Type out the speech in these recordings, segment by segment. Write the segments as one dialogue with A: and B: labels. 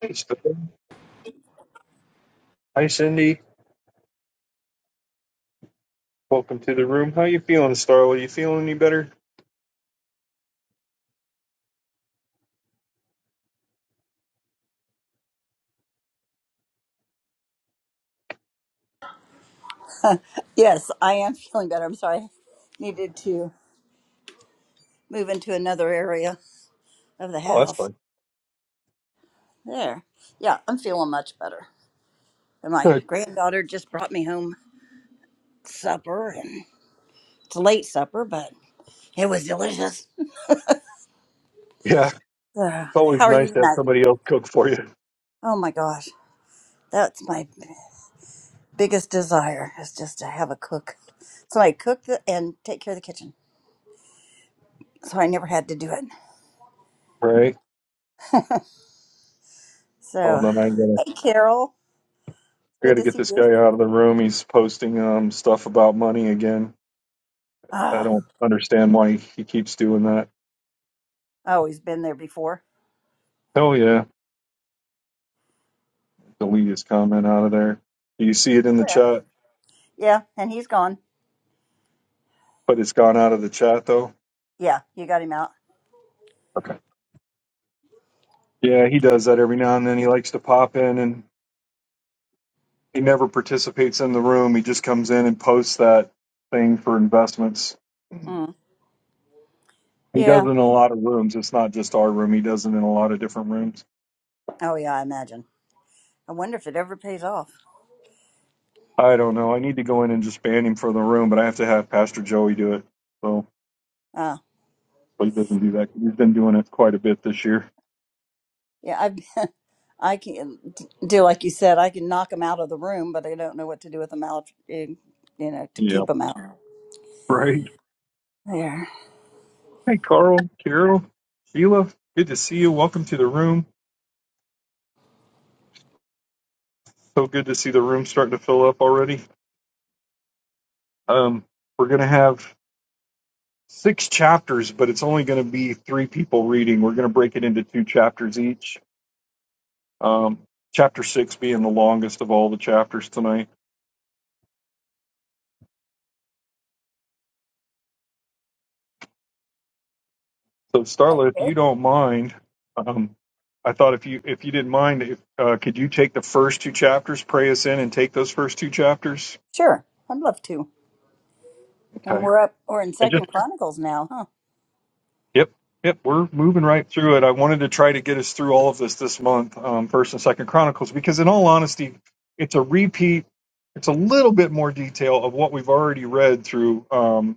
A: Thanks, Bill. Hi, Cindy. Welcome to the room. How you feeling, Starla? You feeling any better?
B: Yes, I am feeling better. I'm sorry. Needed to move into another area of the
A: Oh, that's
B: house.
A: fine.
B: There. Yeah, I'm feeling much better. And my
A: Good.
B: granddaughter just brought me home supper and it's a late supper, but it was delicious.
A: Yeah, it's
B: Uh,
A: always
B: how are
A: nice
B: you
A: to have
B: tonight?
A: somebody else cook for you,
B: Oh my gosh. That's my biggest desire is just to have a cook. So I cook the, and take care of the kitchen. So I never had to do it.
A: right? Hold
B: So,
A: on, I gotta,
B: hey Carol,
A: I
B: good
A: gotta
B: to
A: get
B: see
A: this
B: you.
A: guy out of the room. He's posting um stuff about money again. I
B: Uh,
A: don't understand why he keeps doing that.
B: always been there before.
A: Oh yeah, delete his comment out of there. Do you see it in the
B: Yeah.
A: chat?
B: Yeah, and he's gone.
A: But it's gone out of the chat though.
B: Yeah, you got him out.
A: Okay. Yeah, he does that every now and then. He likes to pop in and He never participates in the room. He just comes in and posts that thing for investments.
B: Mm.
A: He does
B: Yeah.
A: it in a lot of rooms. It's not just our room. He does it in a lot of different rooms.
B: Oh yeah, I imagine. I wonder if it ever pays off.
A: I don't know. I need to go in and just ban him from the room, but I have to have Pastor Joey do it. So
B: Uh,
A: but he doesn't do that. He's been doing it quite a bit this year.
B: yeah, I I can do like you said. I can knock him out of the room, but I don't know what to do with him out. in- You know, to
A: Yeah.
B: keep him out.
A: Right.
B: There.
A: Hey, Carl, Carol, Sheila. Good to see you. Welcome to the room. So good to see the room starting to fill up already. Um, we're gonna have six chapters, but it's only going to be three people reading. We're going to break it into two chapters each. Um, chapter six being the longest of all the chapters tonight. So, Starla, if you don't mind, um, I thought if you if you didn't mind, if, uh, could you take the first two chapters, pray us in, and take those first two chapters?
B: Sure, I'd love to. And
A: Okay.
B: we're up. We're in
A: And just
B: Second Chronicles now, huh?
A: Yep, yep, we're moving right through it. I wanted to try to get us through all of this this month, um, First and Second Chronicles, because in all honesty, it's a repeat. It's a little bit more detail of what we've already read through um,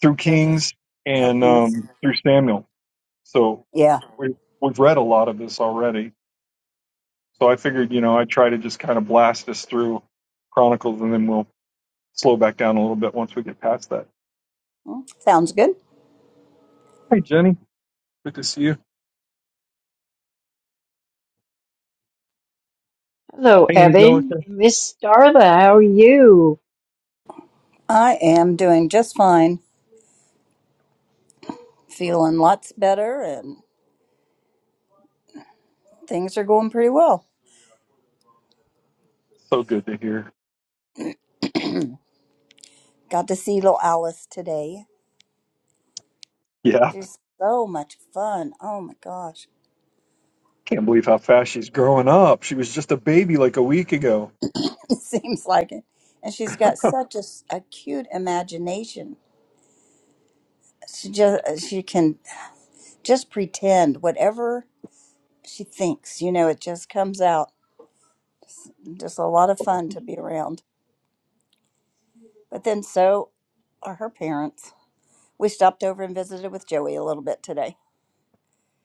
A: through
B: Judges.
A: Kings
B: or
A: and
B: Kings.
A: um, through Samuel. So
B: Yeah,
A: we've we've read a lot of this already. So I figured, you know, I'd try to just kind of blast us through Chronicles, and then we'll slow back down a little bit once we get past that.
B: sounds good.
A: Hey, Jenny, good to see you.
C: Hello,
A: Hey,
C: Evan.
A: Angelica,
C: Miss Darla, how are you?
B: I am doing just fine. Feeling lots better, and things are going pretty well.
A: so good to hear.
B: Got to see little Alice today
A: Yeah.
B: She's so much fun. Oh my gosh.
A: Can't believe how fast she's growing up. She was just a baby like a week ago.
B: It seems like it. And she's got such a, s- a cute imagination. She just she can just pretend whatever she thinks, you know, it just comes out. Just a lot of fun to be around. But then so are her parents. We stopped over and visited with Joey a little bit today.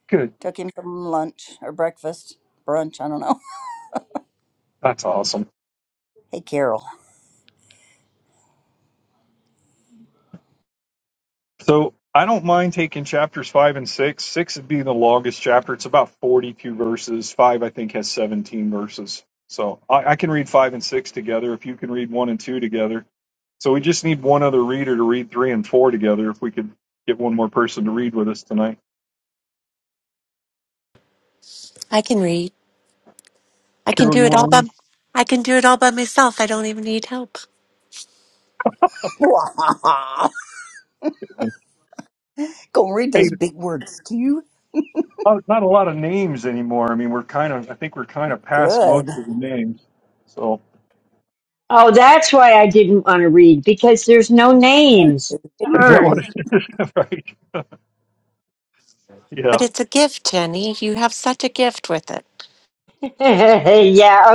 A: Good.
B: Took him from lunch or breakfast, brunch, I don't know.
A: That's awesome.
B: Hey Carol.
A: So I don't mind taking chapters five and six. Six would be the longest chapter. It's about 42 verses. Five, I think, has 17 verses. So I, I can read five and six together if you can read one and two together. So we just need one other reader to read three and four together if we could get one more person to read with us tonight.
D: I can read. I can
A: Carol,
D: do
A: you
D: it
A: want
D: all by
A: to
D: I can do it all by myself. I don't even need help.
A: read?
B: Gonna read
A: Hey,
B: those big words to you.
A: not not a lot of names anymore. I mean, we're kind of, I think we're kind of past most
B: Good.
A: of the names. So.
C: Oh, that's why I didn't want to read because there's no names.
A: Is that what
C: Darn.
A: it is? right.
D: But
A: Yeah.
D: it's a gift, Jenny. You have such a gift with it.
C: yeah,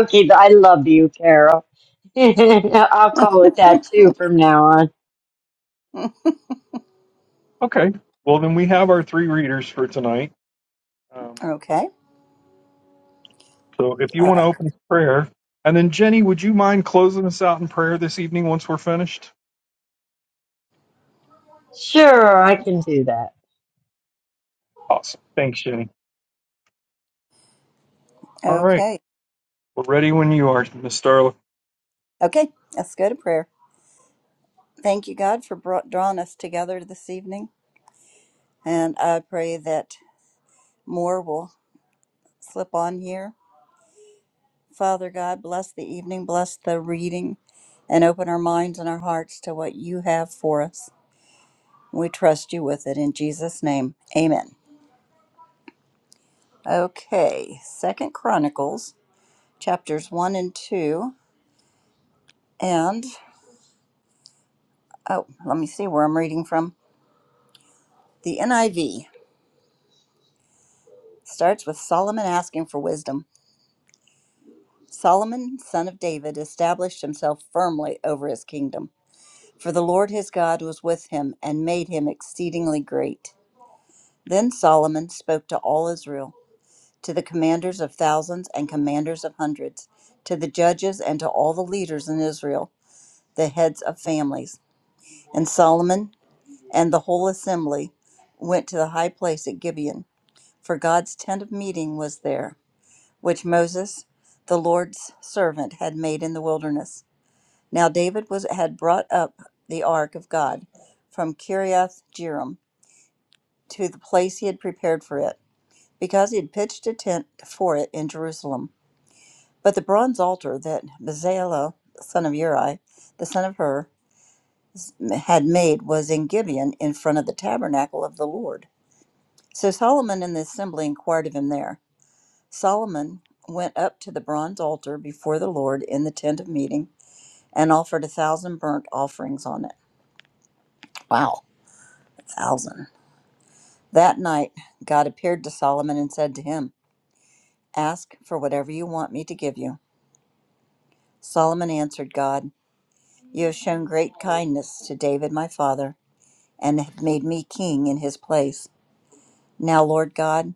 C: okay. but I love you, Carol. I'll call it that too from now on.
A: Okay. Well, then we have our three readers for tonight. Um,
B: Okay.
A: so if you
B: Uh,
A: want to open with prayer, and then Jenny, would you mind closing us out in prayer this evening once we're finished?
C: Sure, I can do that.
A: Awesome. Thanks, Jenny. All right.
B: okay.
A: We're ready when you are, Miss Starla.
B: Okay. Let's go to prayer. Thank you, God, for brought, drawing us together this evening. And I pray that more will slip on here. Father God, bless the evening, bless the reading, and open our minds and our hearts to what you have for us. We trust you with it in Jesus' name. Amen. Okay. Second Chronicles, chapters 1 and 2. And, oh, let me see where I'm reading from. The NIV. starts with Solomon asking for wisdom. Solomon, son of David, established himself firmly over his kingdom, for the Lord his God was with him and made him exceedingly great. Then Solomon spoke to all Israel, to the commanders of thousands and commanders of hundreds, to the judges and to all the leaders in Israel, the heads of families. And Solomon and the whole assembly went to the high place at Gibeon, for God's tent of meeting was there. which Moses, the Lord's servant, had made in the wilderness. Now David was had brought up the ark of God from Kiriath Jearim to the place he had prepared for it, because he had pitched a tent for it in Jerusalem. But the bronze altar that Bezalel, son of Uri, the son of Hur, had made was in Gibeon in front of the tabernacle of the Lord. So Solomon and the assembly inquired of him there. Solomon went up to the bronze altar before the Lord in the tent of meeting and offered a thousand burnt offerings on it. Wow, thousand. That night, God appeared to Solomon and said to him, Ask for whatever you want me to give you. Solomon answered God, You have shown great kindness to David my father, and have made me king in his place. Now, Lord God,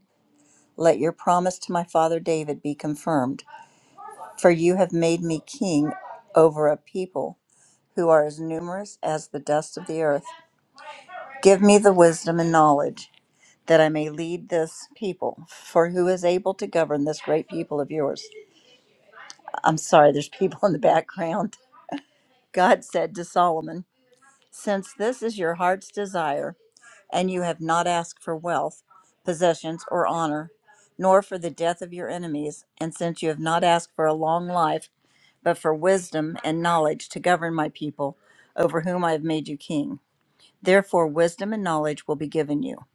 B: let your promise to my father David be confirmed, for you have made me king over a people who are as numerous as the dust of the earth. Give me the wisdom and knowledge that I may lead this people. For who is able to govern this great people of yours? I'm sorry, there's people in the background. God said to Solomon, Since this is your heart's desire, and you have not asked for wealth, possessions, or honor, nor for the death of your enemies, and since you have not asked for a long life, but for wisdom and knowledge to govern my people, over whom I have made you king. Therefore, wisdom and knowledge will be given you,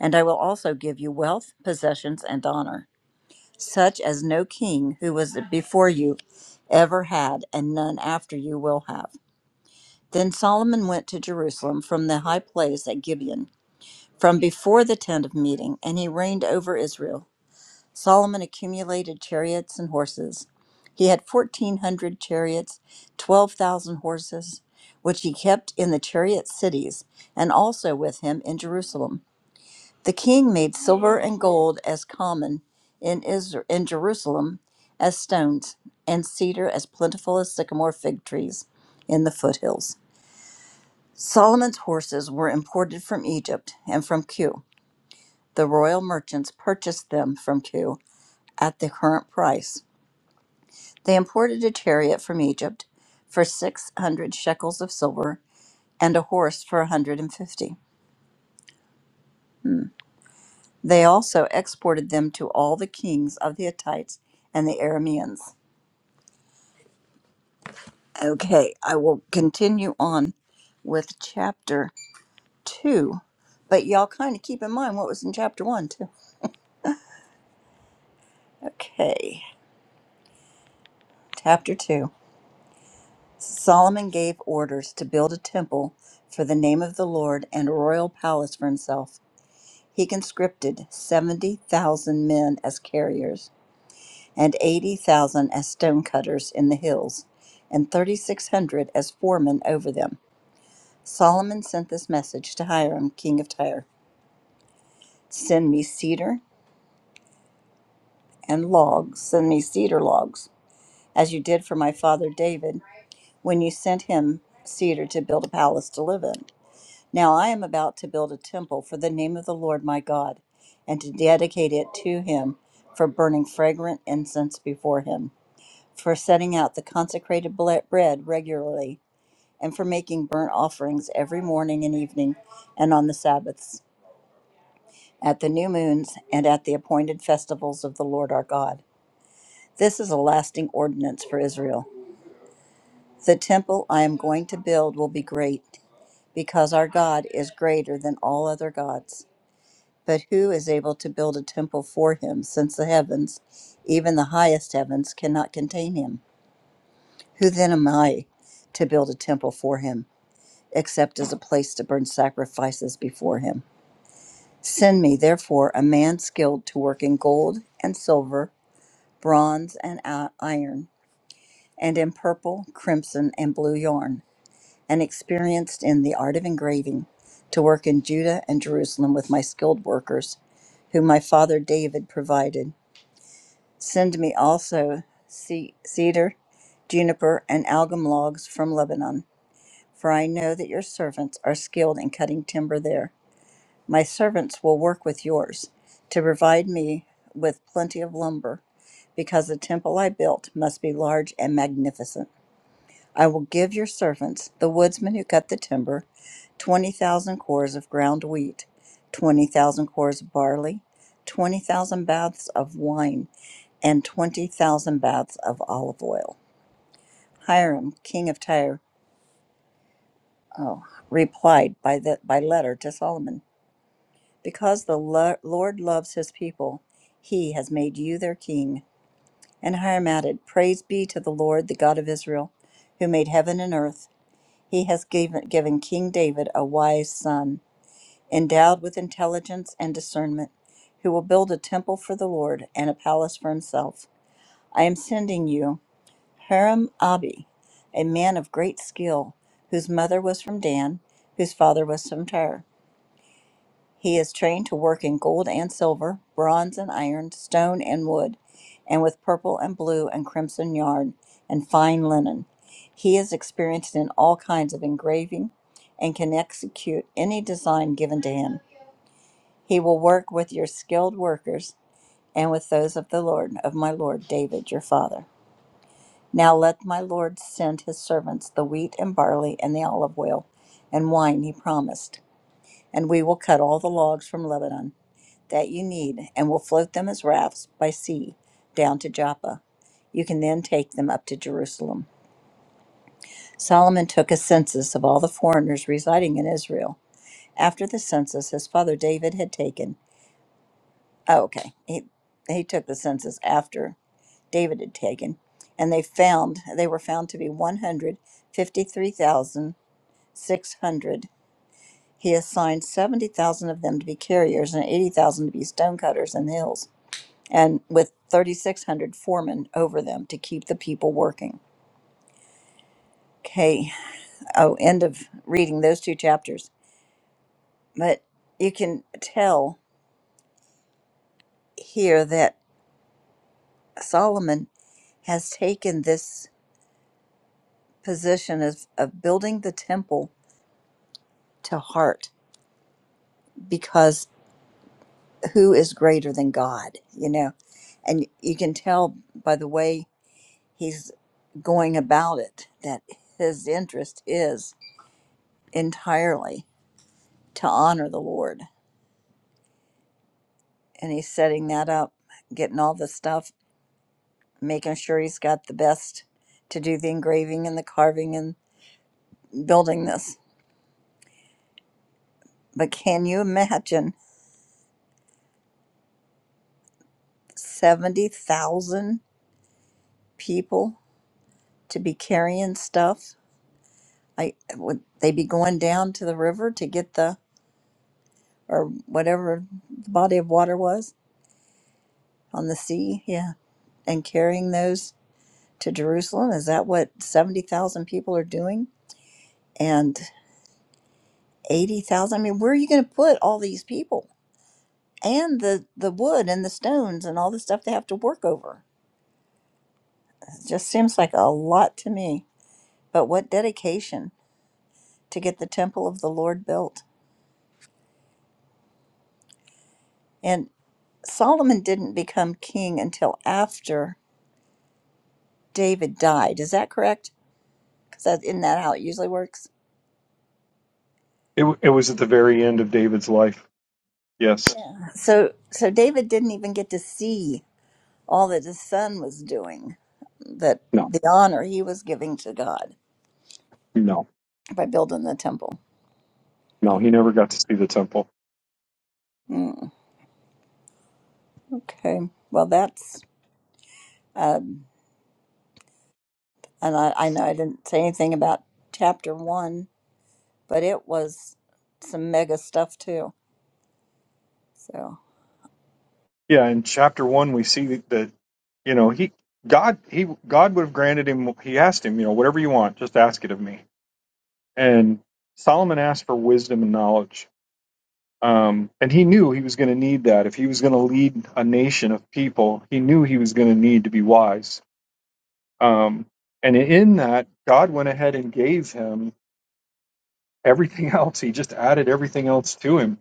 B: and I will also give you wealth, possessions, and honor. such as no king who was before you ever had, and none after you will have. Then Solomon went to Jerusalem from the high place at Gibeon, from before the tent of meeting, and he reigned over Israel. Solomon accumulated chariots and horses. He had fourteen hundred chariots, twelve thousand horses, which he kept in the chariot cities, and also with him in Jerusalem. The king made silver and gold as common in Isra in Jerusalem as stones, and cedar as plentiful as sycamore fig trees in the foothills. Solomon's horses were imported from Egypt and from Kew. The royal merchants purchased them from Kew at the current price. They imported a chariot from Egypt for 600 shekels of silver and a horse for a 150. They also exported them to all the kings of the Hittites and the Arameans. Okay, I will continue on with chapter two, but y'all kind of keep in mind what was in chapter one, too. Okay, chapter two. Solomon gave orders to build a temple for the name of the Lord and a royal palace for himself. He conscripted 70,000 men as carriers, and 80,000 as stonecutters in the hills, and 3,600 as foremen over them. Solomon sent this message to Hiram, king of Tyre. Send me cedar and logs, send me cedar logs, as you did for my father David when you sent him cedar to build a palace to live in. Now I am about to build a temple for the name of the Lord my God, and to dedicate it to him for burning fragrant incense before him, for setting out the consecrated ble- bread regularly, and for making burnt offerings every morning and evening, and on the Sabbaths, at the new moons, and at the appointed festivals of the Lord our God. This is a lasting ordinance for Israel. The temple I am going to build will be great, because our God is greater than all other gods. But who is able to build a temple for him, since the heavens, even the highest heavens, cannot contain him? Who then am I to build a temple for him, except as a place to burn sacrifices before him? Send me, therefore, a man skilled to work in gold and silver, bronze and i- iron, and in purple, crimson, and blue yarn and experienced in the art of engraving, to work in Judah and Jerusalem with my skilled workers, whom my father David provided. Send me also ce- cedar, juniper, and algum logs from Lebanon, for I know that your servants are skilled in cutting timber there. My servants will work with yours to provide me with plenty of lumber, because the temple I built must be large and magnificent. I will give your servants, the woodsmen who cut the timber, 20,000 cores of ground wheat, 20,000 cores of barley, 20,000 baths of wine, and 20,000 baths of olive oil. Hiram, king of Tyre, oh, replied by, the, by letter to Solomon Because the lo- Lord loves his people, he has made you their king. And Hiram added, Praise be to the Lord, the God of Israel, who made heaven and earth He has given, given King David a wise son, endowed with intelligence and discernment, who will build a temple for the Lord and a palace for himself. I am sending you Haram Abi, a man of great skill, whose mother was from Dan, whose father was from Tyre. He is trained to work in gold and silver, bronze and iron, stone and wood, and with purple and blue and crimson yarn and fine linen. He is experienced in all kinds of engraving and can execute any design given to him. He will work with your skilled workers and with those of the Lord, of my Lord David, your father. Now let my Lord send his servants the wheat and barley and the olive oil and wine he promised, and we will cut all the logs from Lebanon that you need and will float them as rafts by sea down to Joppa. You can then take them up to Jerusalem. Solomon took a census of all the foreigners residing in Israel. After the census, his father David had taken. Oh, okay. He, he took the census after David had taken, and they found they were found to be 153,600. He assigned 70,000 of them to be carriers and 80,000 to be stonecutters in the hills. and with 3,600 foremen over them to keep the people working. Okay. Oh, end of reading those two chapters. But you can tell here that Solomon has taken this position of, of building the temple to heart because who is greater than God, you know? And you can tell by the way he's going about it that his interest is entirely to honor the Lord and he's setting that up, getting all the stuff, making sure he's got the best to do the engraving and the carving and building this. But can you imagine 70,000 people to be carrying stuff? I would they be going down to the river to get the or whatever the body of water was on the sea, yeah, and carrying those to Jerusalem? Is that what 70,000 people are doing? And 80,000? I mean, where are you going to put all these people? and the the wood and the stones and all the stuff they have to work over. It just seems like a lot to me. But what dedication to get the temple of the Lord built. And Solomon didn't become king until after David died. Is that correct? Because that isn't that how it usually works?
A: It, w- it was at the very end of David's life. Yes.
B: Yeah. So so David didn't even get to see all that his son was doing, that
A: No.
B: the honor he was giving to God
A: No.
B: by building the temple.
A: No. He never got to see the temple.
B: Mm, okay. Well, that's. um, and I, I know I didn't say anything about chapter one, but it was some mega stuff too. So
A: Yeah. In chapter one, we see that you know he God he God would have granted him. He asked him, you know, whatever you want, just ask it of me And Solomon asked for wisdom and knowledge. Um, and he knew he was going to need that. If he was going to lead a nation of people, he knew he was going to need to be wise. Um, and in that, God went ahead and gave him everything else. He just added everything else to him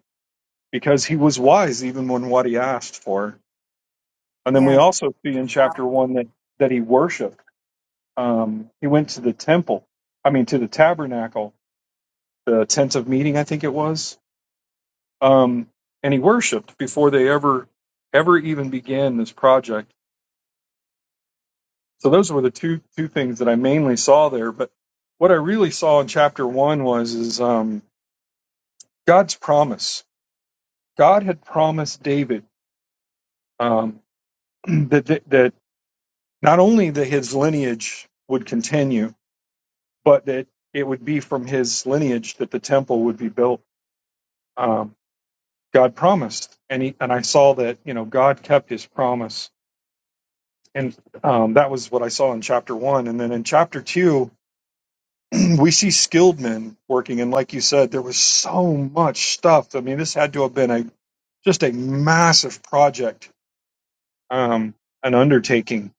A: because he was wise even when what he asked for. And then we
B: yeah,
A: also see in chapter one that, that he worshiped. Um, he went to the temple, I mean, to the tabernacle, the tent of meeting, I think it was um, and he worshipped before they ever ever even began this project. So those were the two two things that I mainly saw there. But what I really saw in chapter one was is um, God's promise. God had promised David um, that, that that not only that his lineage would continue, but that it would be from his lineage that the temple would be built. Um, God promised, and he, and I saw that you know God kept His promise And um, that was what I saw in chapter one. And then in chapter two, we see skilled men working. And like you said, there was so much stuff. I mean, this had to have been a just a massive project, um, an undertaking.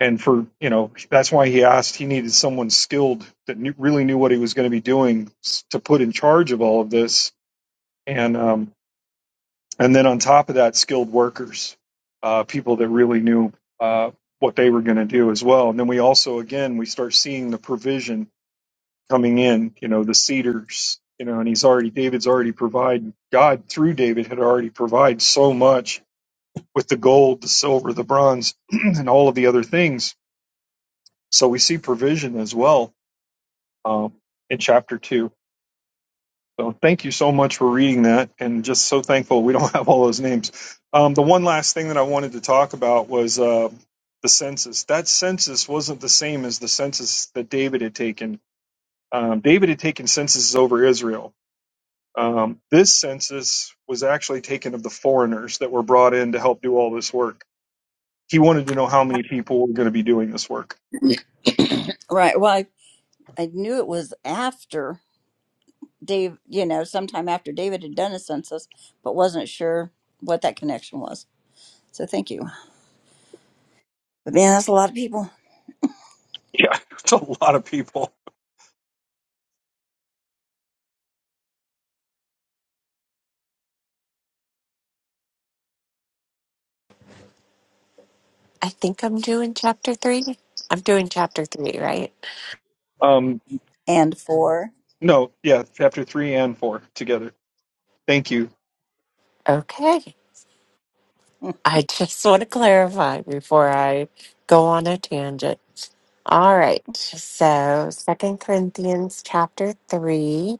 A: And for, you know, that's why he asked, he needed someone skilled that knew, really knew what he was going to be doing to put in charge of all of this. And um, And then on top of that, skilled workers, uh, people that really knew uh, what they were going to do as well. And then we also, again, we start seeing the provision coming in, you know, the cedars, you know, and he's already, David's already provided, God through David had already provided so much with the gold, the silver, the bronze, and all of the other things. So we see provision as well um, in chapter two. So thank you so much for reading that, and just so thankful we don't have all those names. Um, the one last thing that I wanted to talk about was uh, the census. That census wasn't the same as the census that David had taken. Um, David had taken censuses over Israel. Um, this census was actually taken of the foreigners that were brought in to help do all this work. He wanted to know how many people were going to be doing this work.
B: right. Well, I, I knew it was after Dave, you know, sometime after David had done his census, but wasn't sure what that connection was. So thank you. But man, that's a lot of people.
A: Yeah, it's a lot of people.
D: I think I'm doing chapter three. I'm doing chapter three, right?
A: Um,
B: And four.
A: No, yeah, chapter three and four together. Thank you.
D: Okay. I just want to clarify before I go on a tangent. All right. So, Second Corinthians chapter 3,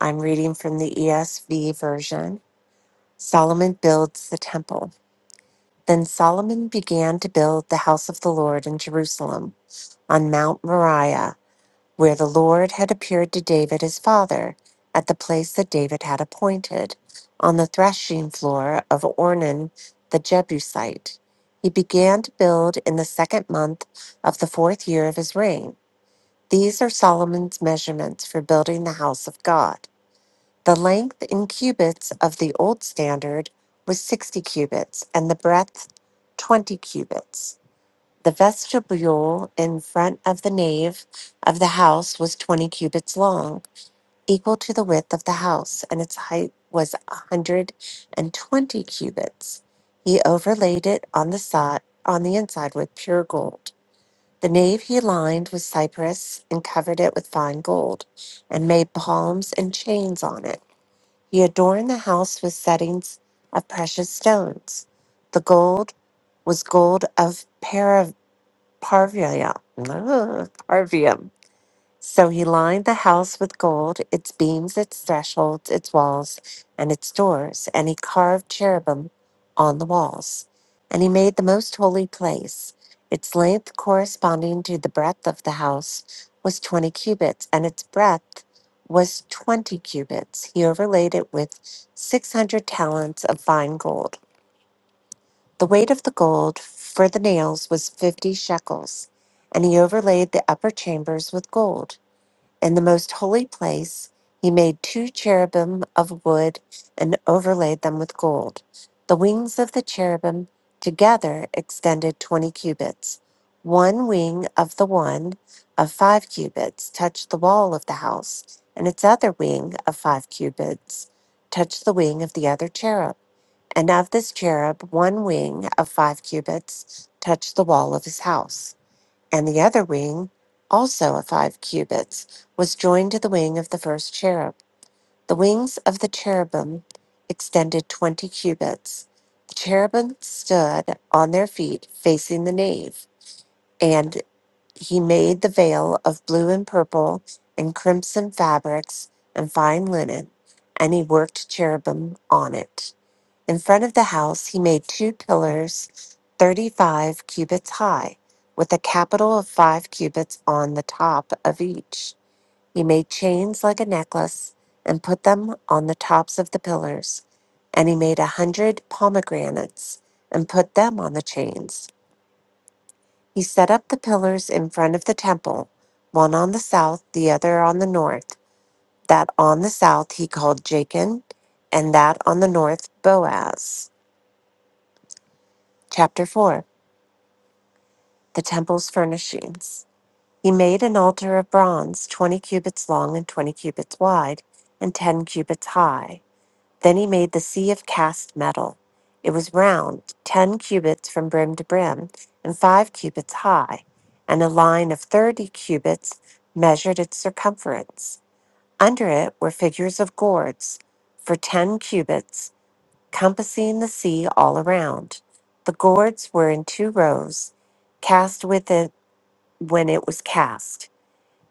D: I'm reading from the ESV version. Solomon builds the temple. Then Solomon began to build the house of the Lord in Jerusalem on Mount Moriah, where the Lord had appeared to David his father, at the place that David had appointed, on the threshing floor of Ornan the Jebusite. He began to build in the second month of the fourth year of his reign. These are Solomon's measurements for building the house of God. The length in cubits of the old standard was 60 cubits, and the breadth 20 cubits. The vestibule in front of the nave of the house was 20 cubits long, equal to the width of the house, and its height was a 120 cubits. He overlaid it on the side, on the inside with pure gold. The nave he lined with cypress and covered it with fine gold, and made palms and chains on it. He adorned the house with settings of precious stones. The gold was gold of Parv- Parvia, Parvium, so he lined the house with gold, its beams, its thresholds, its walls, and its doors, and he carved cherubim on the walls. And he made the most holy place. Its length corresponding to the breadth of the house was 20 cubits, and its breadth was 20 cubits. He overlaid it with 600 talents of fine gold. The weight of the gold for the nails was 50 shekels, and he overlaid the upper chambers with gold. In the most holy place, he made two cherubim of wood and overlaid them with gold. The wings of the cherubim together extended 20 cubits. One wing of the one of 5 cubits touched the wall of the house, and its other wing of 5 cubits touched the wing of the other cherub. And of this cherub, one wing of 5 cubits touched the wall of his house and the other wing, also of five cubits, was joined to the wing of the first cherub. The wings of the cherubim extended twenty cubits. The cherubim stood on their feet facing the nave, and he made the veil of blue and purple and crimson fabrics and fine linen, and he worked cherubim on it. In front of the house, he made two pillars 35 cubits high, with a capital of five cubits on the top of each. He made chains like a necklace and put them on the tops of the pillars. And he made a hundred pomegranates and put them on the chains. He set up the pillars in front of the temple, one on the south, the other on the north. That on the south he called Jachin, and that on the north, Boaz. Chapter 4 the temple's furnishings. He made an altar of bronze, 20 cubits long and 20 cubits wide, and 10 cubits high. Then he made the sea of cast metal. It was round, 10 cubits from brim to brim, and 5 cubits high, and a line of 30 cubits measured its circumference. Under it were figures of gourds for 10 cubits, compassing the sea all around. The gourds were in two rows, cast within when it was cast.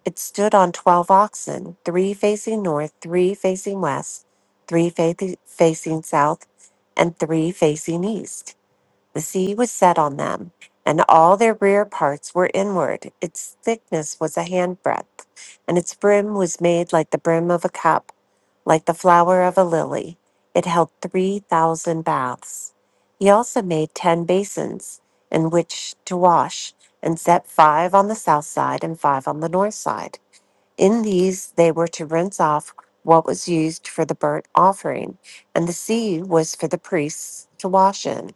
D: It stood on 12 oxen, three facing north, three facing west, three fa- facing south, and three facing east. The sea was set on them, and all their rear parts were inward. Its thickness was a handbreadth, and its brim was made like the brim of a cup like the flower of a lily. It held 3,000 baths. He also made 10 basins in which to wash, and set five on the south side and five on the north side. In these, they were to rinse off what was used for the burnt offering, and the sea was for the priests to wash in.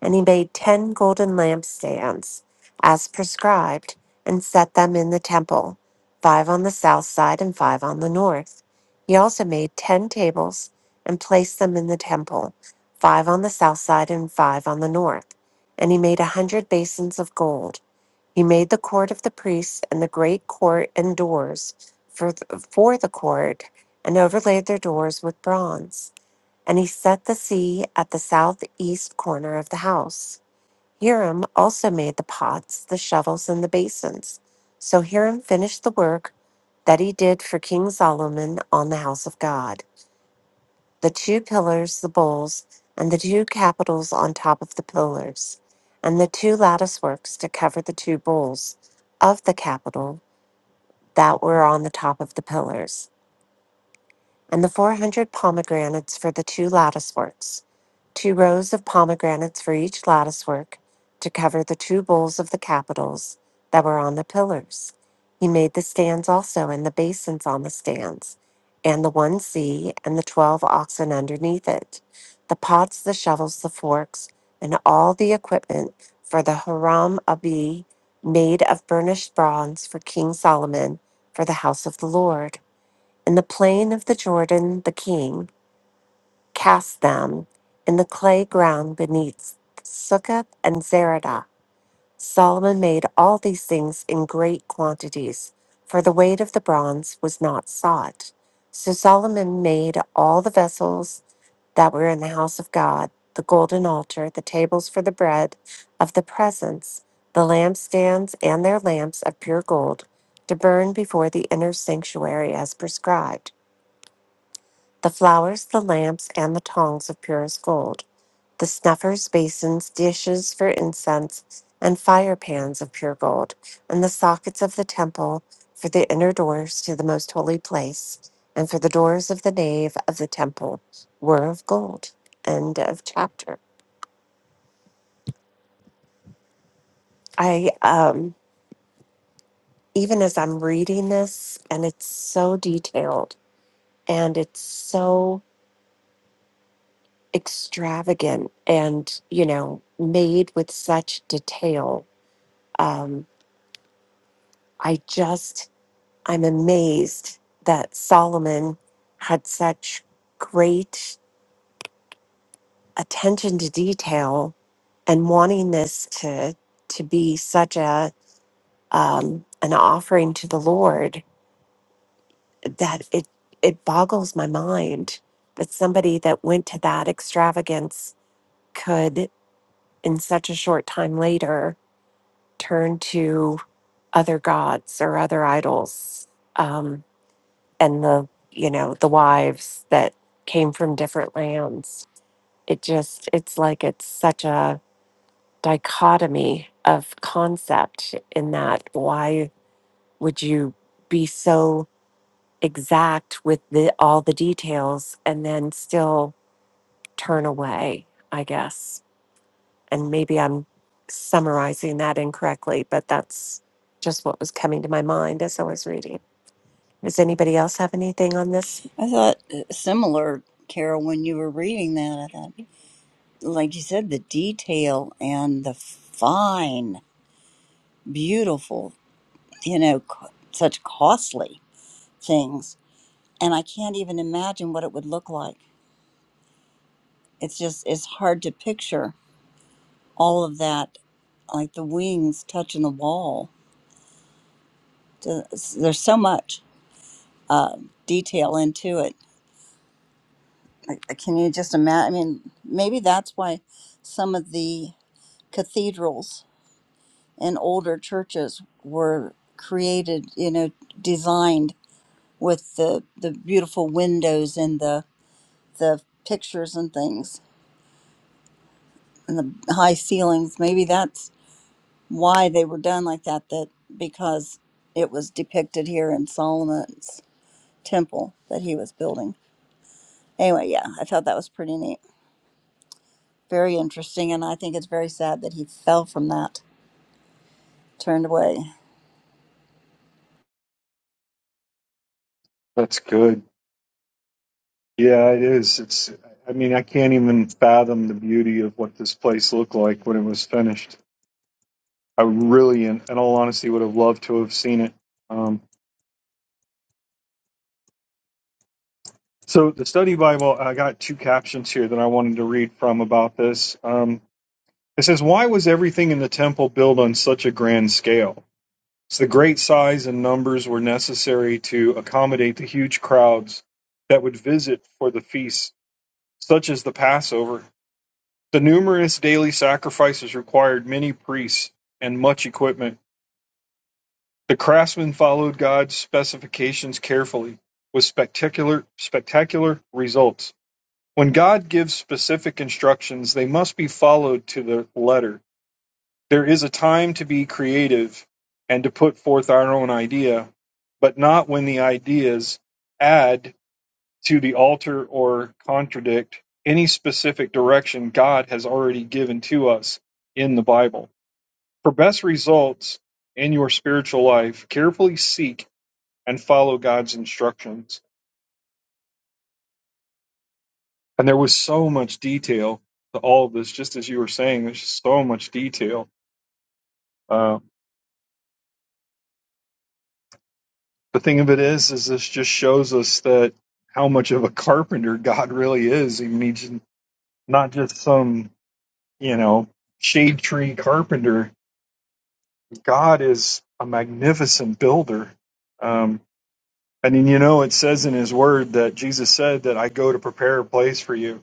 D: And he made ten golden lampstands, as prescribed, and set them in the temple, five on the south side and five on the north. He also made ten tables and placed them in the temple, five on the south side and five on the north. And he made a hundred basins of gold. He made the court of the priests and the great court and doors for, th- for the court, and overlaid their doors with bronze. And he set the sea at the southeast corner of the house. Hiram also made the pots, the shovels, and the basins. So Hiram finished the work that he did for King Solomon on the house of God the two pillars, the bowls, and the two capitals on top of the pillars, and the two lattice works to cover the two bowls of the capital that were on the top of the pillars, and the 400 pomegranates for the two lattice works two rows of pomegranates for each lattice work to cover the two bowls of the capitals that were on the pillars. He made the stands also and the basins on the stands, and the one sea and the twelve oxen underneath it, the pots, the shovels, the forks, and all the equipment for the Haram Abi made of burnished bronze for King Solomon for the house of the Lord. In the plain of the Jordan, the king cast them in the clay ground beneath Succoth and Zeradah. Solomon made all these things in great quantities, for the weight of the bronze was not sought. So Solomon made all the vessels that were in the house of God, the golden altar, the tables for the bread of the presence, the lampstands and their lamps of pure gold, to burn before the inner sanctuary as prescribed, the flowers, the lamps, and the tongs of purest gold the snuffers, basins, dishes for incense, and fire pans of pure gold, and the sockets of the temple for the inner doors to the most holy place, and for the doors of the nave of the temple were of gold. End of chapter. I, um, even as I'm reading this, and it's so detailed and it's so extravagant and, you know, made with such detail. Um, I just I'm amazed that Solomon had such great attention to detail and wanting this to to be such a um, an offering to the Lord that it it boggles my mind that somebody that went to that extravagance could in such a short time later turn to other gods or other idols. Um, and the you know the wives that came from different lands it just it's like it's such a dichotomy of concept in that why would you be so exact with the all the details and then still turn away i guess and maybe i'm summarizing that incorrectly but that's just what was coming to my mind as i was reading does anybody else have anything on this
B: I thought uh, similar, Carol, when you were reading that, I thought, like you said, the detail and the fine, beautiful you know, c- such costly things. And I can't even imagine what it would look like. It's just, it's hard to picture all of that, like the wings touching the wall. Just- There's so much uh, detail into it. Like, uh, Can you just imagine? I mean, maybe that's why some of the cathedrals and older churches were created, you know, designed with the, the beautiful windows and the, the pictures and things and the high ceilings. Maybe that's why they were done like that. That because it was depicted here in Solomon's temple that he was building. Anyway, yeah, I thought that was pretty neat, very interesting, and I think it's very sad that he fell from that, turned away.
A: That's good. Yeah, it is. It's. I mean, I can't even fathom the beauty of what this place looked like when it was finished. I really, in, in all honesty, would have loved to have seen it. Um, so the study Bible, I got two captions here that I wanted to read from about this. Um, it says, "Why was everything in the temple built on such a grand scale? So the great size and numbers were necessary to accommodate the huge crowds that would visit for the feasts." such as the Passover. The numerous daily sacrifices required many priests and much equipment. The craftsmen followed God's specifications carefully, with spectacular, spectacular results. When God gives specific instructions, they must be followed to the letter. There is a time to be creative and to put forth our own idea, but not when the ideas add to the alter or contradict any specific direction God has already given to us in the Bible. For best results in your spiritual life, carefully seek and follow God's instructions. And there was so much detail to all of this, just as you were saying, there's just so much detail. Uh, the thing of it is, is this just shows us that how much of a carpenter God really is. He means not just some, you know, shade tree carpenter God is a magnificent builder. Um, and you know, it says in his word that Jesus said that I go to prepare a place for you.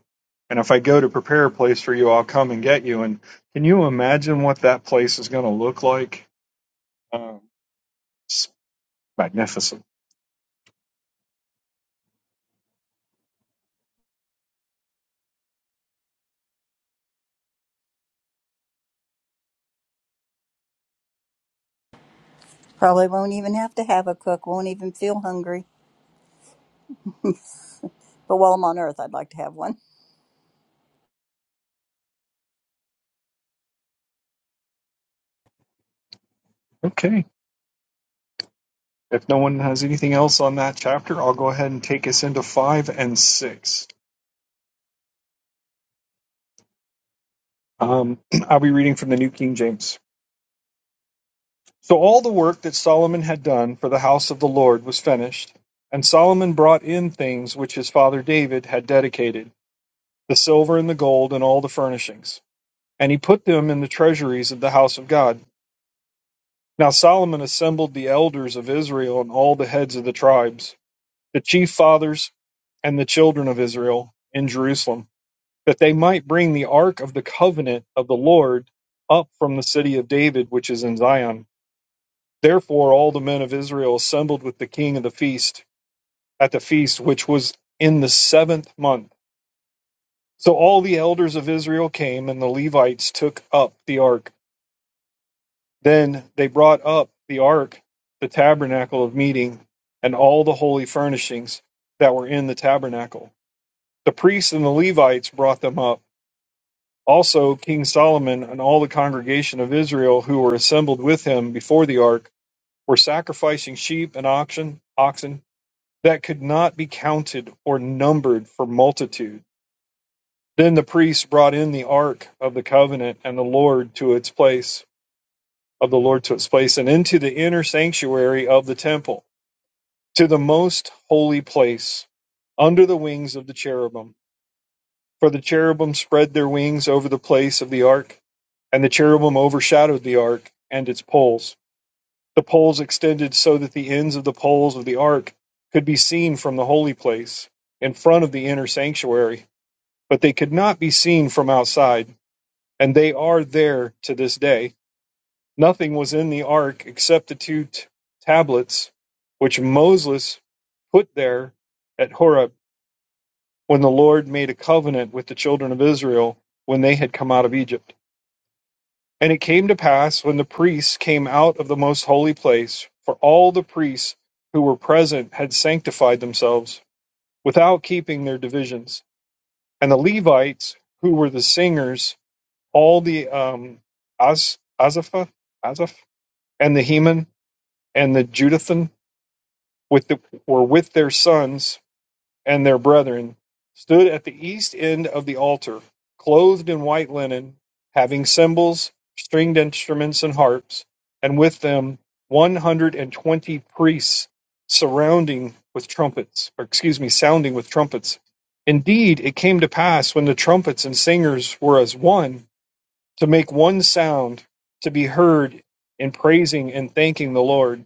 A: And if I go to prepare a place for you, I'll come and get you. And can you imagine what that place is going to look like? Um, it's magnificent.
B: Probably won't even have to have a cook. Won't even feel hungry. But while I'm on Earth, I'd like to have one.
A: Okay. If no one has anything else on that chapter, I'll go ahead and take us into five and six. Um, I'll be reading from the New King James. So all the work that Solomon had done for the house of the Lord was finished, and Solomon brought in things which his father David had dedicated, the silver and the gold and all the furnishings, and he put them in the treasuries of the house of God. Now Solomon assembled the elders of Israel and all the heads of the tribes, the chief fathers and the children of Israel in Jerusalem, that they might bring the ark of the covenant of the Lord up from the city of David, which is in Zion Therefore, all the men of Israel assembled with the king of the feast at the feast which was in the seventh month. So all the elders of Israel came, and the Levites took up the ark. Then they brought up the ark, the tabernacle of meeting, and all the holy furnishings that were in the tabernacle. The priests and the Levites brought them up. Also, King Solomon and all the congregation of Israel who were assembled with him before the ark were sacrificing sheep and oxen, oxen that could not be counted or numbered for multitude. Then the priests brought in the ark of the covenant and the Lord to its place of the Lord to its place and into the inner sanctuary of the temple to the most holy place under the wings of the cherubim. For the cherubim spread their wings over the place of the ark and the cherubim overshadowed the ark and its poles. The poles extended so that the ends of the poles of the ark could be seen from the holy place, in front of the inner sanctuary, but they could not be seen from outside, and they are there to this day. Nothing was in the ark except the two t- tablets which Moses put there at Horeb when the Lord made a covenant with the children of Israel when they had come out of Egypt. And it came to pass when the priests came out of the most holy place, for all the priests who were present had sanctified themselves without keeping their divisions. And the Levites, who were the singers, all the um, Az, Azapha, Azaph, and the Heman, and the Judithan, with the, were with their sons and their brethren stood at the east end of the altar, clothed in white linen, having cymbals, stringed instruments, and harps, and with them 120 priests surrounding with trumpets, or excuse me, sounding with trumpets. Indeed, it came to pass when the trumpets and singers were as one, to make one sound to be heard in praising and thanking the Lord.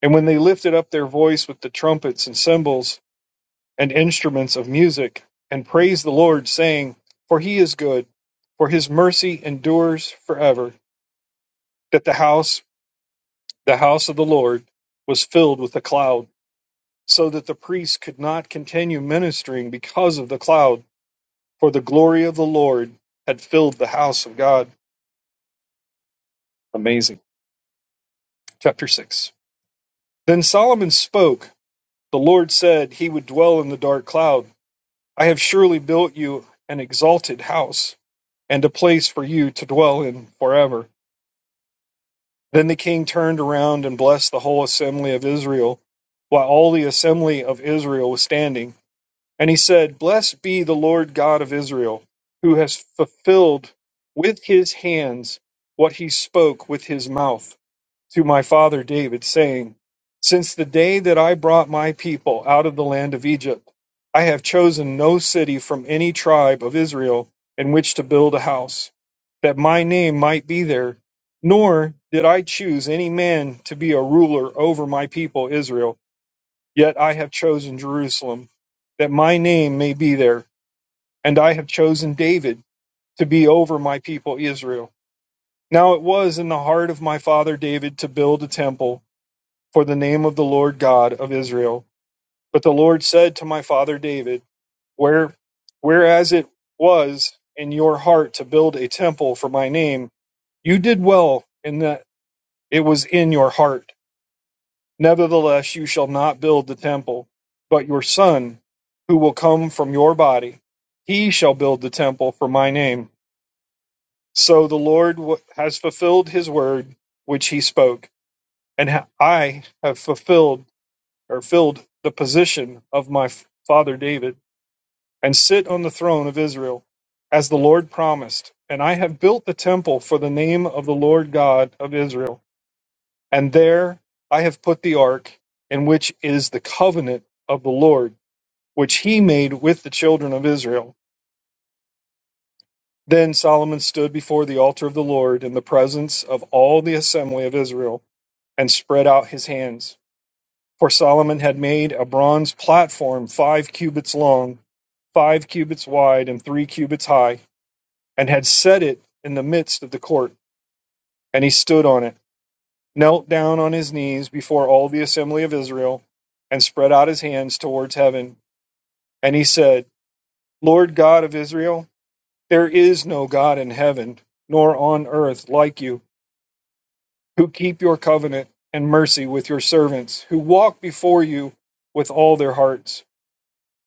A: And when they lifted up their voice with the trumpets and cymbals, and instruments of music, and praise the Lord, saying, For he is good, for his mercy endures forever. That the house, the house of the Lord, was filled with a cloud, so that the priests could not continue ministering because of the cloud, for the glory of the Lord had filled the house of God. Amazing. Chapter 6. Then Solomon spoke. The Lord said he would dwell in the dark cloud. I have surely built you an exalted house and a place for you to dwell in forever. Then the king turned around and blessed the whole assembly of Israel, while all the assembly of Israel was standing. And he said, Blessed be the Lord God of Israel, who has fulfilled with his hands what he spoke with his mouth to my father David, saying, Since the day that I brought my people out of the land of Egypt, I have chosen no city from any tribe of Israel in which to build a house, that my name might be there, nor did I choose any man to be a ruler over my people Israel, yet I have chosen Jerusalem, that my name may be there, and I have chosen David to be over my people Israel. Now it was in the heart of my father David to build a temple for the name of the Lord God of Israel. But the Lord said to my father David, Where, whereas it was in your heart to build a temple for my name, you did well in that it was in your heart. Nevertheless, you shall not build the temple, but your son, who will come from your body, he shall build the temple for my name. So the Lord has fulfilled his word which he spoke, and I have fulfilled or filled the position of my father David, and sit on the throne of Israel, as the Lord promised. And I have built the temple for the name of the Lord God of Israel, and there I have put the ark, in which is the covenant of the Lord, which he made with the children of Israel. Then Solomon stood before the altar of the Lord in the presence of all the assembly of Israel, and spread out his hands. For Solomon had made a bronze platform five cubits long, five cubits wide, and three cubits high, and had set it in the midst of the court. And he stood on it, knelt down on his knees before all the assembly of Israel, and spread out his hands towards heaven. And he said, Lord God of Israel, there is no God in heaven, nor on earth like you, who keep your covenant and mercy with your servants, who walk before you with all their hearts.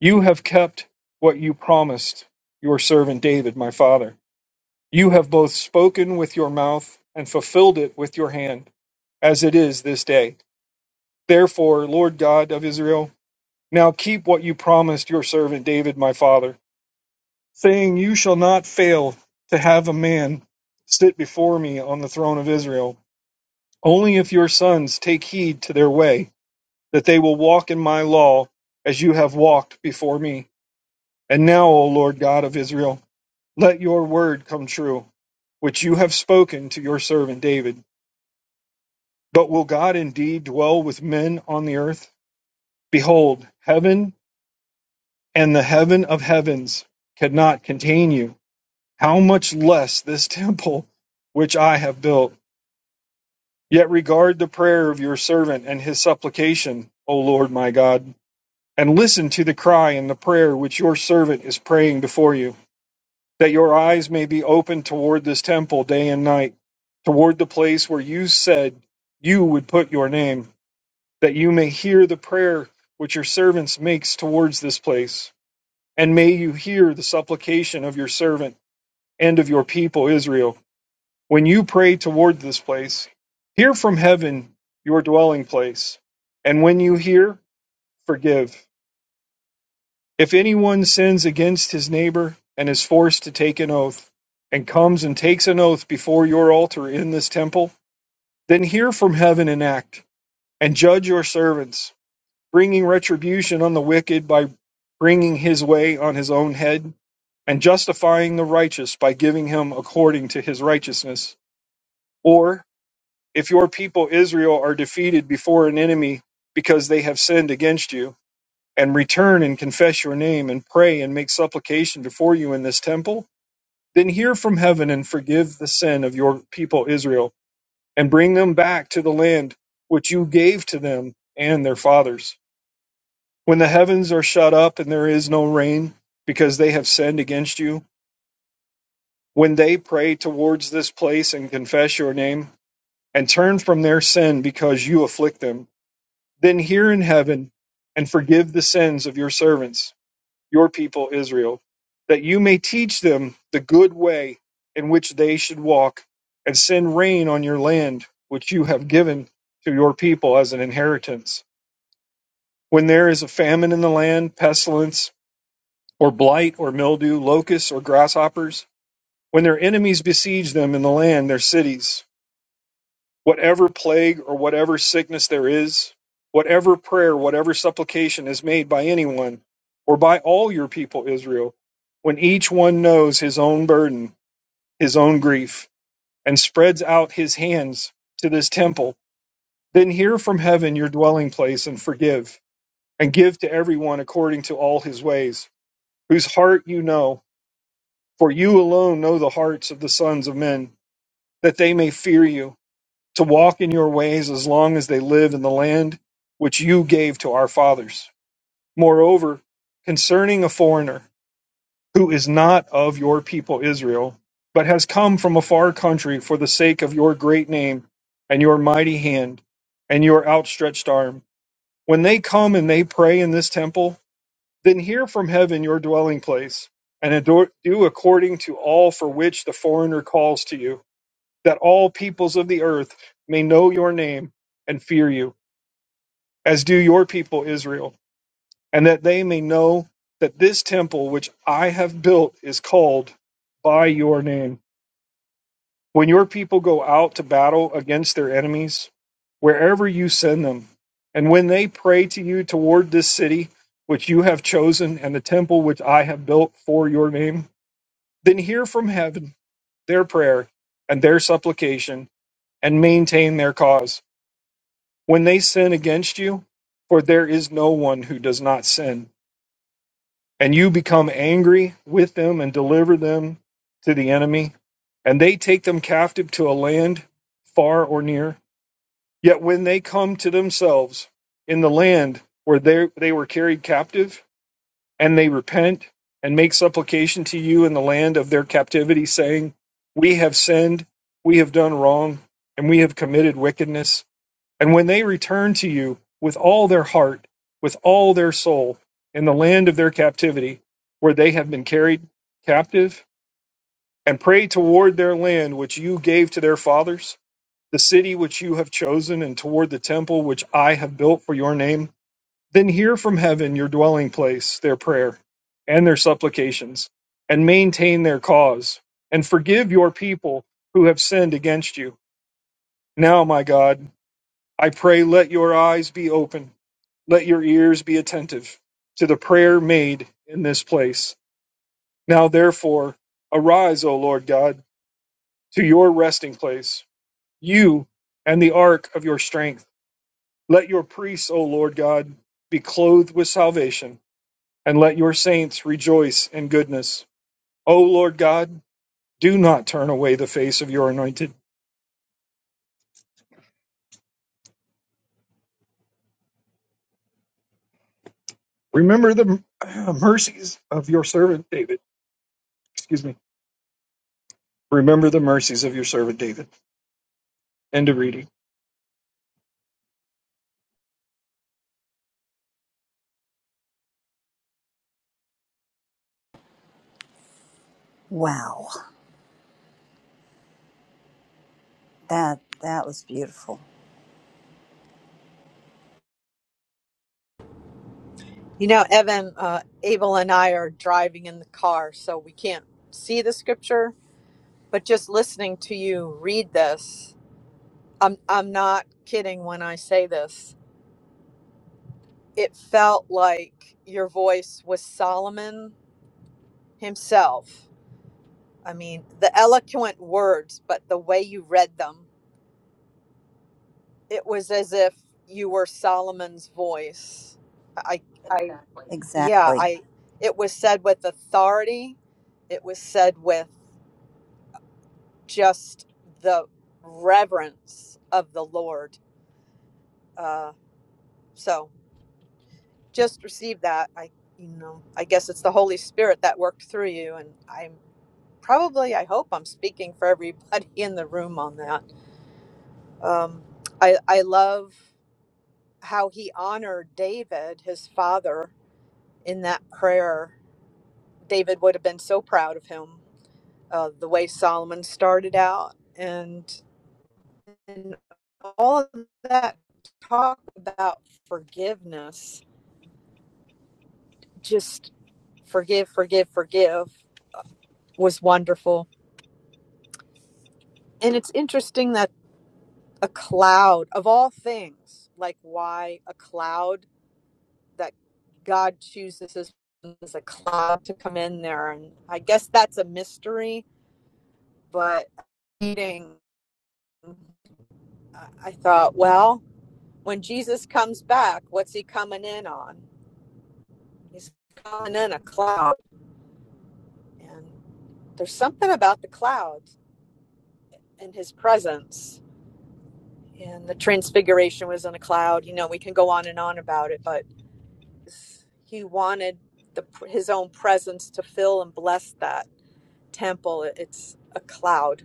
A: You have kept what you promised your servant David, my father. You have both spoken with your mouth and fulfilled it with your hand, as it is this day. Therefore, Lord God of Israel, now keep what you promised your servant David, my father, saying, You shall not fail to have a man sit before me on the throne of Israel. Only if your sons take heed to their way, that they will walk in my law as you have walked before me. And now, O Lord God of Israel, Let your word come true, which you have spoken to your servant David. But will God indeed dwell with men on the earth? Behold, heaven and the heaven of heavens cannot contain you. How much less this temple which I have built? Yet regard the prayer of your servant and his supplication, O Lord my God, and listen to the cry and the prayer which your servant is praying before you. that your eyes may be open toward this temple day and night, toward the place where you said you would put your name, that you may hear the prayer which your servants makes towards this place. And may you hear the supplication of your servant and of your people Israel. When you pray toward this place, hear from heaven your dwelling place. And when you hear, forgive If anyone sins against his neighbor and is forced to take an oath, and comes and takes an oath before your altar in this temple, then hear from heaven and act, and judge your servants, bringing retribution on the wicked by bringing his way on his own head, and justifying the righteous by giving him according to his righteousness. Or, if your people Israel are defeated before an enemy because they have sinned against you, and return and confess your name and pray and make supplication before you in this temple, then hear from heaven and forgive the sin of your people Israel and bring them back to the land which you gave to them and their fathers. When the heavens are shut up and there is no rain because they have sinned against you, when they pray towards this place and confess your name and turn from their sin because you afflict them, then hear in heaven and forgive the sins of your servants your people Israel, that you may teach them the good way in which they should walk, and send rain on your land, which you have given to your people as an inheritance. When there is a famine in the land, pestilence, or blight, or mildew, locusts, or grasshoppers, when their enemies besiege them in the land, their cities, Whatever plague or whatever sickness there is, whatever prayer, whatever supplication is made by anyone or by all your people, Israel, when each one knows his own burden, his own grief, and spreads out his hands to this temple, then hear from heaven your dwelling place and forgive, and give to everyone according to all his ways, whose heart you know, for you alone know the hearts of the sons of men, that they may fear you to walk in your ways as long as they live in the land which you gave to our fathers. Moreover, concerning a foreigner who is not of your people Israel, but has come from a far country for the sake of your great name and your mighty hand and your outstretched arm, when they come and they pray in this temple, then hear from heaven your dwelling place and ador- do according to all for which the foreigner calls to you that all peoples of the earth may know your name and fear you, as do your people Israel, and that they may know that this temple which I have built is called by your name. When your people go out to battle against their enemies, wherever you send them, and when they pray to you toward this city which you have chosen and the temple which I have built for your name, then hear from heaven their prayer and their supplication and maintain their cause when they sin against you, for there is no one who does not sin, and you become angry with them and deliver them to the enemy, and they take them captive to a land far or near. Yet when they come to themselves in the land where they, they were carried captive, and they repent and make supplication to you in the land of their captivity, saying, We have sinned, we have done wrong, and we have committed wickedness and when they return to you with all their heart, with all their soul, in the land of their captivity, where they have been carried captive, and pray toward their land which you gave to their fathers, the city which you have chosen, and toward the temple which I have built for your name, then hear from heaven your dwelling place, their prayer, and their supplications, and maintain their cause, and forgive your people who have sinned against you. Now, my God, I pray, let your eyes be open let your ears be attentive to the prayer made in this place. Now, therefore, arise, O Lord God, to your resting place, you and the ark of your strength. Let your priests, O Lord God, be clothed with salvation, and let your saints rejoice in goodness. O Lord God, do not turn away the face of your anointed. Remember the mercies of your servant David. Excuse me. Remember the mercies of your servant David. End of reading.
B: Wow, that that was beautiful.
E: You know, Evan, uh, Abel, and I are driving in the car, so we can't see the scripture. But just listening to you read this, I'm I'm not kidding when I say this. It felt like your voice was Solomon himself. I mean, the eloquent words, but the way you read them, it was as if you were Solomon's voice. I, I, I- yeah,
B: Exactly.
E: I. It was said with authority. It was said with just the reverence of the Lord. Uh, so just receive that. I, you know, I guess it's the Holy Spirit that worked through you, and I'm probably, I hope, I'm speaking for everybody in the room on that. Um, I, I love how he honored David, his father, in that prayer. David would have been so proud of him, uh, the way Solomon started out, and. and all of that talk about forgiveness, just forgive, forgive, forgive, was wonderful. And it's interesting that a cloud, of all things, like why a cloud that God chooses as, as a cloud to come in there. And I guess that's a mystery, but reading, I I thought, well, when Jesus comes back, what's he coming in on? He's coming in a cloud And there's something about the cloud and his presence. And the transfiguration was in a cloud. You know, we can go on and on about it, but he wanted the, his own presence to fill and bless that temple. It's a cloud.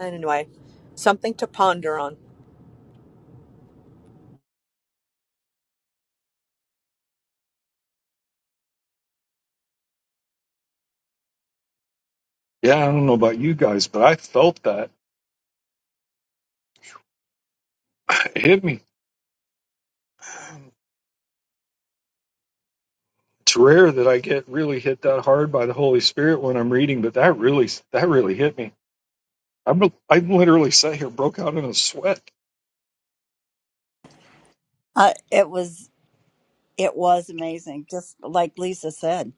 E: Anyway, something to ponder on.
A: Yeah, I don't know about you guys, but I felt that. It hit me. It's rare that I get really hit that hard by the Holy Spirit when I'm reading, but that really that really hit me. I'm I literally sat here broke out in a sweat.
B: I, it was it was amazing. Just like Lisa said.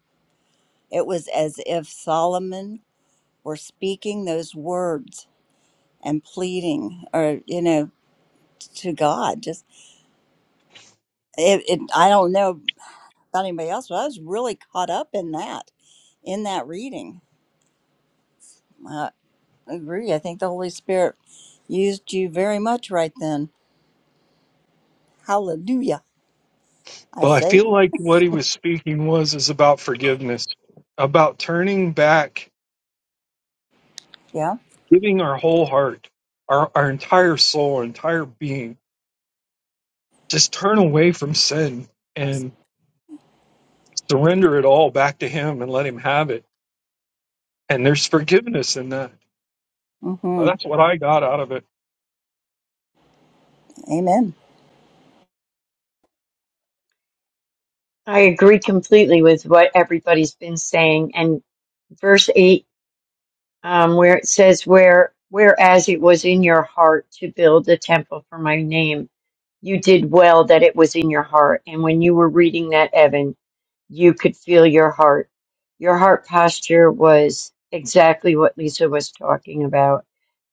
B: It was as if Solomon were speaking those words and pleading, or you know, to God. Just it, it I don't know about anybody else, but I was really caught up in that, in that reading. I agree. I think the Holy Spirit used you very much right then. Hallelujah. I
A: Well, I
B: say,
A: feel like what he was speaking was is about forgiveness, about turning back,
B: yeah.
A: giving our whole heart, our our entire soul, our entire being, just turn away from sin and surrender it all back to him and let him have it. And there's forgiveness in that Well,
B: Mm-hmm.
A: that's what I got out of it.
B: Amen.
C: I agree completely with what everybody's been saying. And verse 8 um, where it says, "Where whereas it was in your heart to build a temple for my name, you did well that it was in your heart." And when you were reading that, Evan, you could feel your heart. Your heart posture was exactly what Lisa was talking about,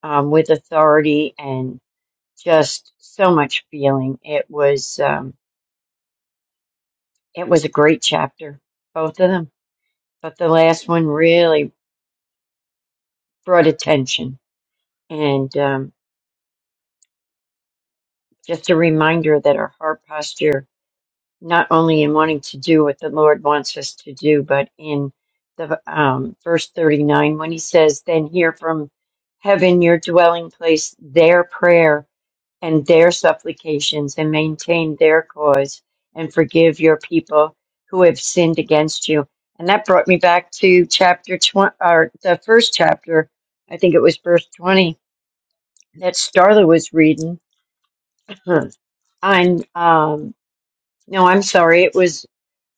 C: um, with authority and just so much feeling. It was um, it was a great chapter, both of them, but the last one really brought attention and. Um, Just a reminder that our heart posture, not only in wanting to do what the Lord wants us to do, but in the um, verse 39, when he says, Then hear from heaven your dwelling place their prayer and their supplications, and maintain their cause, and forgive your people who have sinned against you. And that brought me back to chapter 20, or the first chapter, I think it was verse 20, that Starla was reading. on. um, no, I'm sorry. It was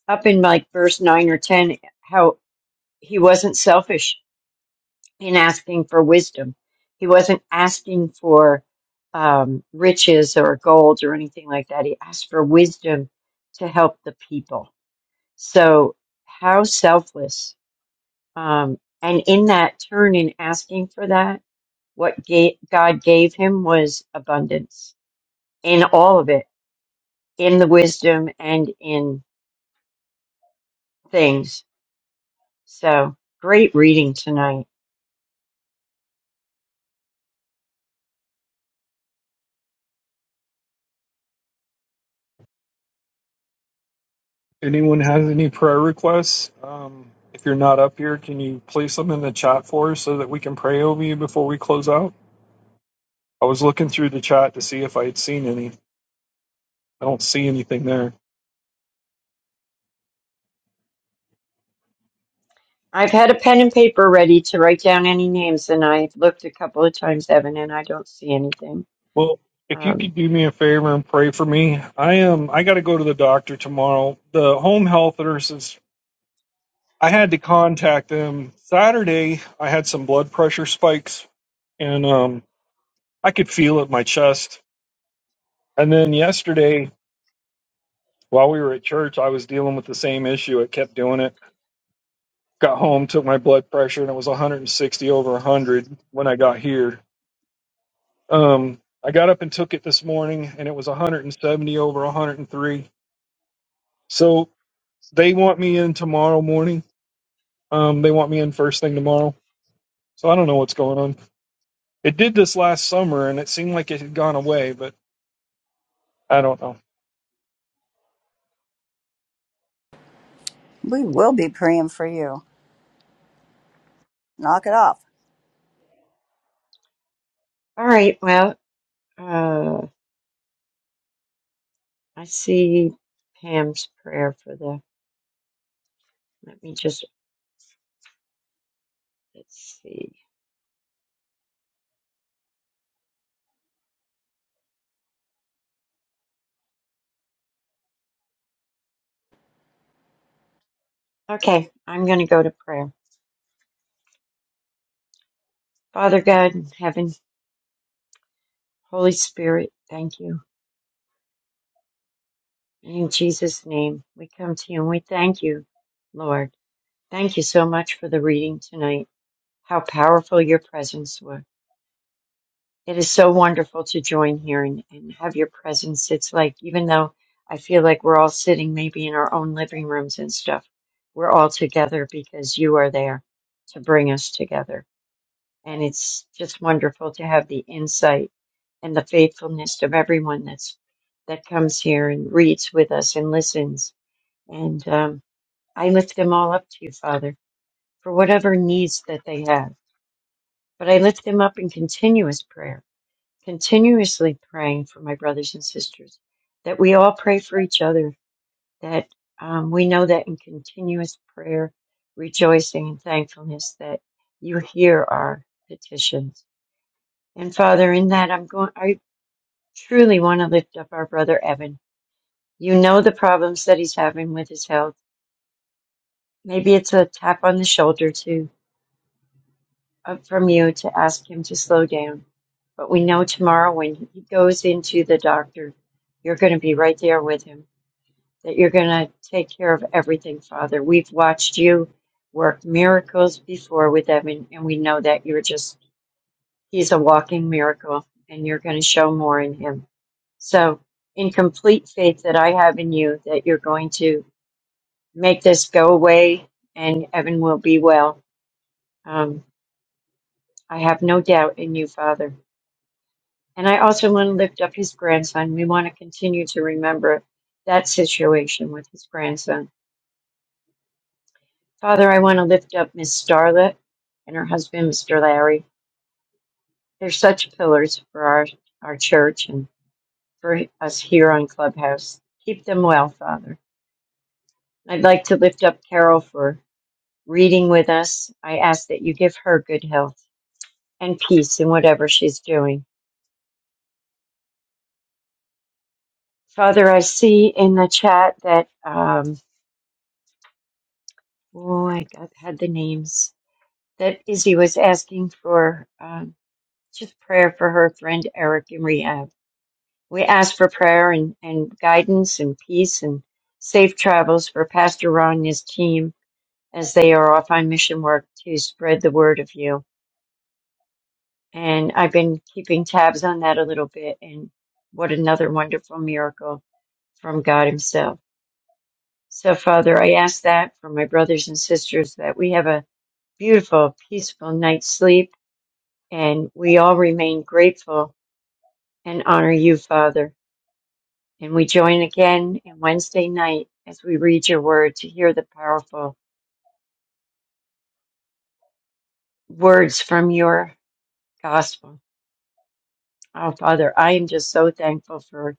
C: up in like verse 9 or 10 how he wasn't selfish in asking for wisdom. He wasn't asking for um, riches or gold or anything like that. He asked for wisdom to help the people. So, how selfless. Um, and in that turn, in asking for that, what ga- God gave him was abundance in all of it, in the wisdom and in things. So great reading tonight.
A: Anyone has any prayer requests? Um, if you're not up here, can you place them in the chat for us so that we can pray over you before we close out? I was looking through the chat to see if I had seen any. I don't see anything there.
C: I've had a pen and paper ready to write down any names, and I've looked a couple of times, Evan, and I don't see anything.
A: Well, if you could
C: Um,
A: do me a favor and pray for me, I am. I got to go to the doctor tomorrow. The home health nurses. I had to contact them Saturday. I had some blood pressure spikes, and um, I could feel it in my chest. And then yesterday, While we were at church, I was dealing with the same issue. It kept doing it. Got home, took my blood pressure, and it was 160 over 100 when I got here. Um, I got up and took it this morning, and it was 170 over 103. So they want me in tomorrow morning. Um, they want me in first thing tomorrow. So I don't know what's going on. It did this last summer, and it seemed like it had gone away, but I don't know.
B: We will be praying for you. Knock it off.
C: all right, well, uh, I see Pam's prayer for the. Let me just let's see. Okay, I'm going to go to prayer. Father God in heaven, Holy Spirit, thank you. In Jesus' name, we come to you and we thank you, Lord. Thank you so much for the reading tonight. How powerful your presence was It is so wonderful to join here and, and have your presence. It's like, even though I feel like we're all sitting maybe in our own living rooms and stuff, we're all together because you are there to bring us together. And it's just wonderful to have the insight and the faithfulness of everyone that's that comes here and reads with us and listens. And um, I lift them all up to you, Father, for whatever needs that they have. But I lift them up in continuous prayer continuously praying for my brothers and sisters, that we all pray for each other, that um, we know that in continuous prayer, rejoicing, and thankfulness, that you hear our petitions. And Father, in that, I'm going, I truly want to lift up our brother Evan. You know the problems that he's having with his health. Maybe it's a tap on the shoulder to, up from you to ask him to slow down. But we know tomorrow when he goes into the doctor, you're going to be right there with him that you're going to take care of everything, Father. We've watched you work miracles before with Evan, and we know that you're just, he's a walking miracle, and you're going to show more in him. So, in complete faith that I have in you, that you're going to make this go away and Evan will be well. Um, I have no doubt in you, Father. And I also want to lift up his grandson. We want to continue to remember that situation with his grandson Father, I want to lift up Miss Starlet and her husband, Mr. Larry. They're such pillars for our, our church and for us here on Clubhouse. Keep them well, Father. I'd like to lift up Carol for reading with us. I ask that you give her good health and peace in whatever she's doing. Father, I see in the chat that, um, oh, I got, had the names, that Izzy was asking for um, just prayer for her friend Eric in rehab. We ask for prayer and, and guidance and peace and safe travels for Pastor Ron and his team as they are off on mission work to spread the word of you. And I've been keeping tabs on that a little bit and what another wonderful miracle from God himself. So Father, I ask that for my brothers and sisters that we have a beautiful, peaceful night's sleep and we all remain grateful and honor you, Father. And we join again on Wednesday night as we read your word to hear the powerful words from your gospel. Oh, Father, I am just so thankful for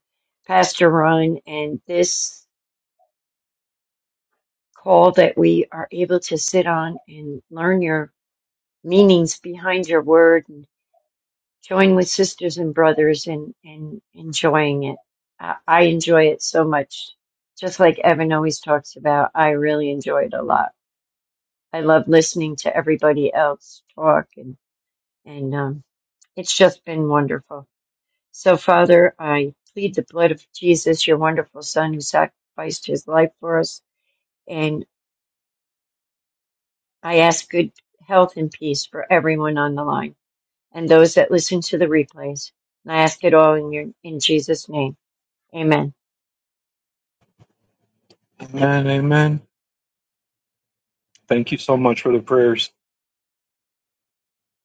C: Pastor Ron and this call that we are able to sit on and learn your meanings behind your word and join with sisters and brothers and, and enjoying it. I, I enjoy it so much. Just like Evan always talks about, I really enjoy it a lot. I love listening to everybody else talk, and and um, it's just been wonderful. So, Father, I plead the blood of Jesus, your wonderful Son, who sacrificed his life for us, and I ask good health and peace for everyone on the line and those that listen to the replays. And I ask it all in your in Jesus' name, Amen.
A: Amen, amen. Thank you so much for the prayers.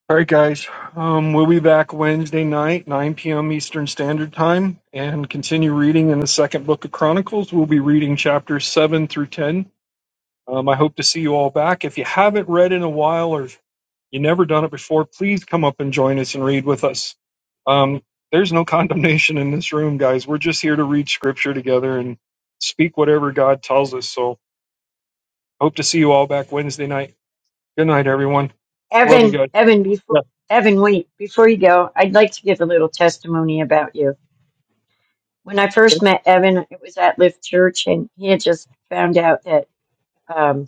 A: All right, guys. Um, we'll be back Wednesday night, 9 p.m. Eastern Standard Time, and continue reading in the second book of Chronicles. We'll be reading chapters 7 through 10. Um, I hope to see you all back. If you haven't read in a while or you never done it before, please come up and join us and read with us. Um, there's no condemnation in this room, guys. We're just here to read scripture together and speak whatever God tells us. So, hope to see you all back Wednesday night. Good night, everyone. Love you
C: Evan,
A: guys.
C: Evan, before
A: Yeah.
C: Evan, wait before you go, I'd like to give a little testimony about you. when I first met Evan, it was at Lift Church, and he had just found out that um,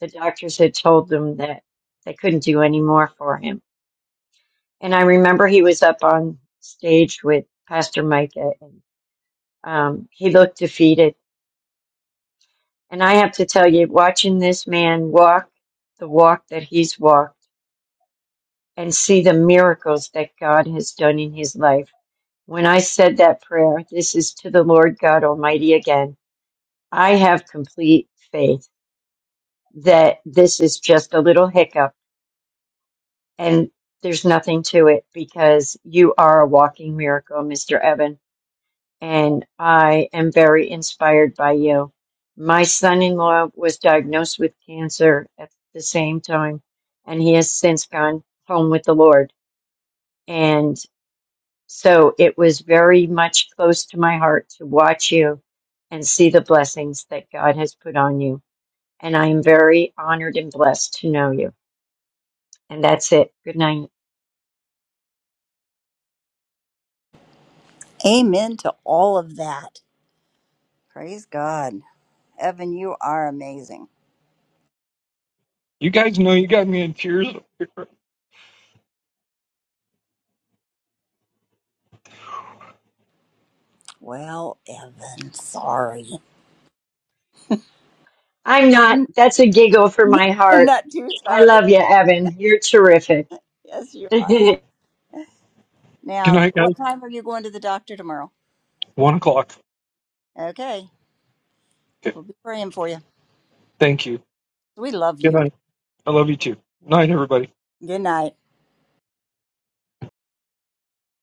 C: the doctors had told them that they couldn't do any more for him. And I remember he was up on stage with Pastor Micah, and um, he looked defeated. And I have to tell you, watching this man walk the walk that he's walked and see the miracles that God has done in his life. When I said that prayer, this is to the Lord God Almighty again, I have complete faith that this is just a little hiccup and there's nothing to it because you are a walking miracle, Mr. Evan, and I am very inspired by you. My son in law was diagnosed with cancer at the same time, and he has since gone home with the Lord. And so it was very much close to my heart to watch you and see the blessings that God has put on you. And I am very honored and blessed to know you. And that's it. Good night.
B: Amen to all of that. Praise God. Evan, you are amazing.
A: You guys know you got me in tears.
B: Well, Evan, sorry.
C: I'm not. That's a giggle for my heart.
B: Not too
C: I
B: sorry.
C: love you, Evan. You're terrific.
B: Yes, you are.
A: Good
B: Now,
A: night, guys.
B: what time are you going to the doctor tomorrow?
A: One o'clock.
B: Okay,
A: Okay.
B: we'll be praying for you.
A: Thank you.
B: We love
A: Good
B: you.
A: night. I love you too. Night, everybody.
B: Good night.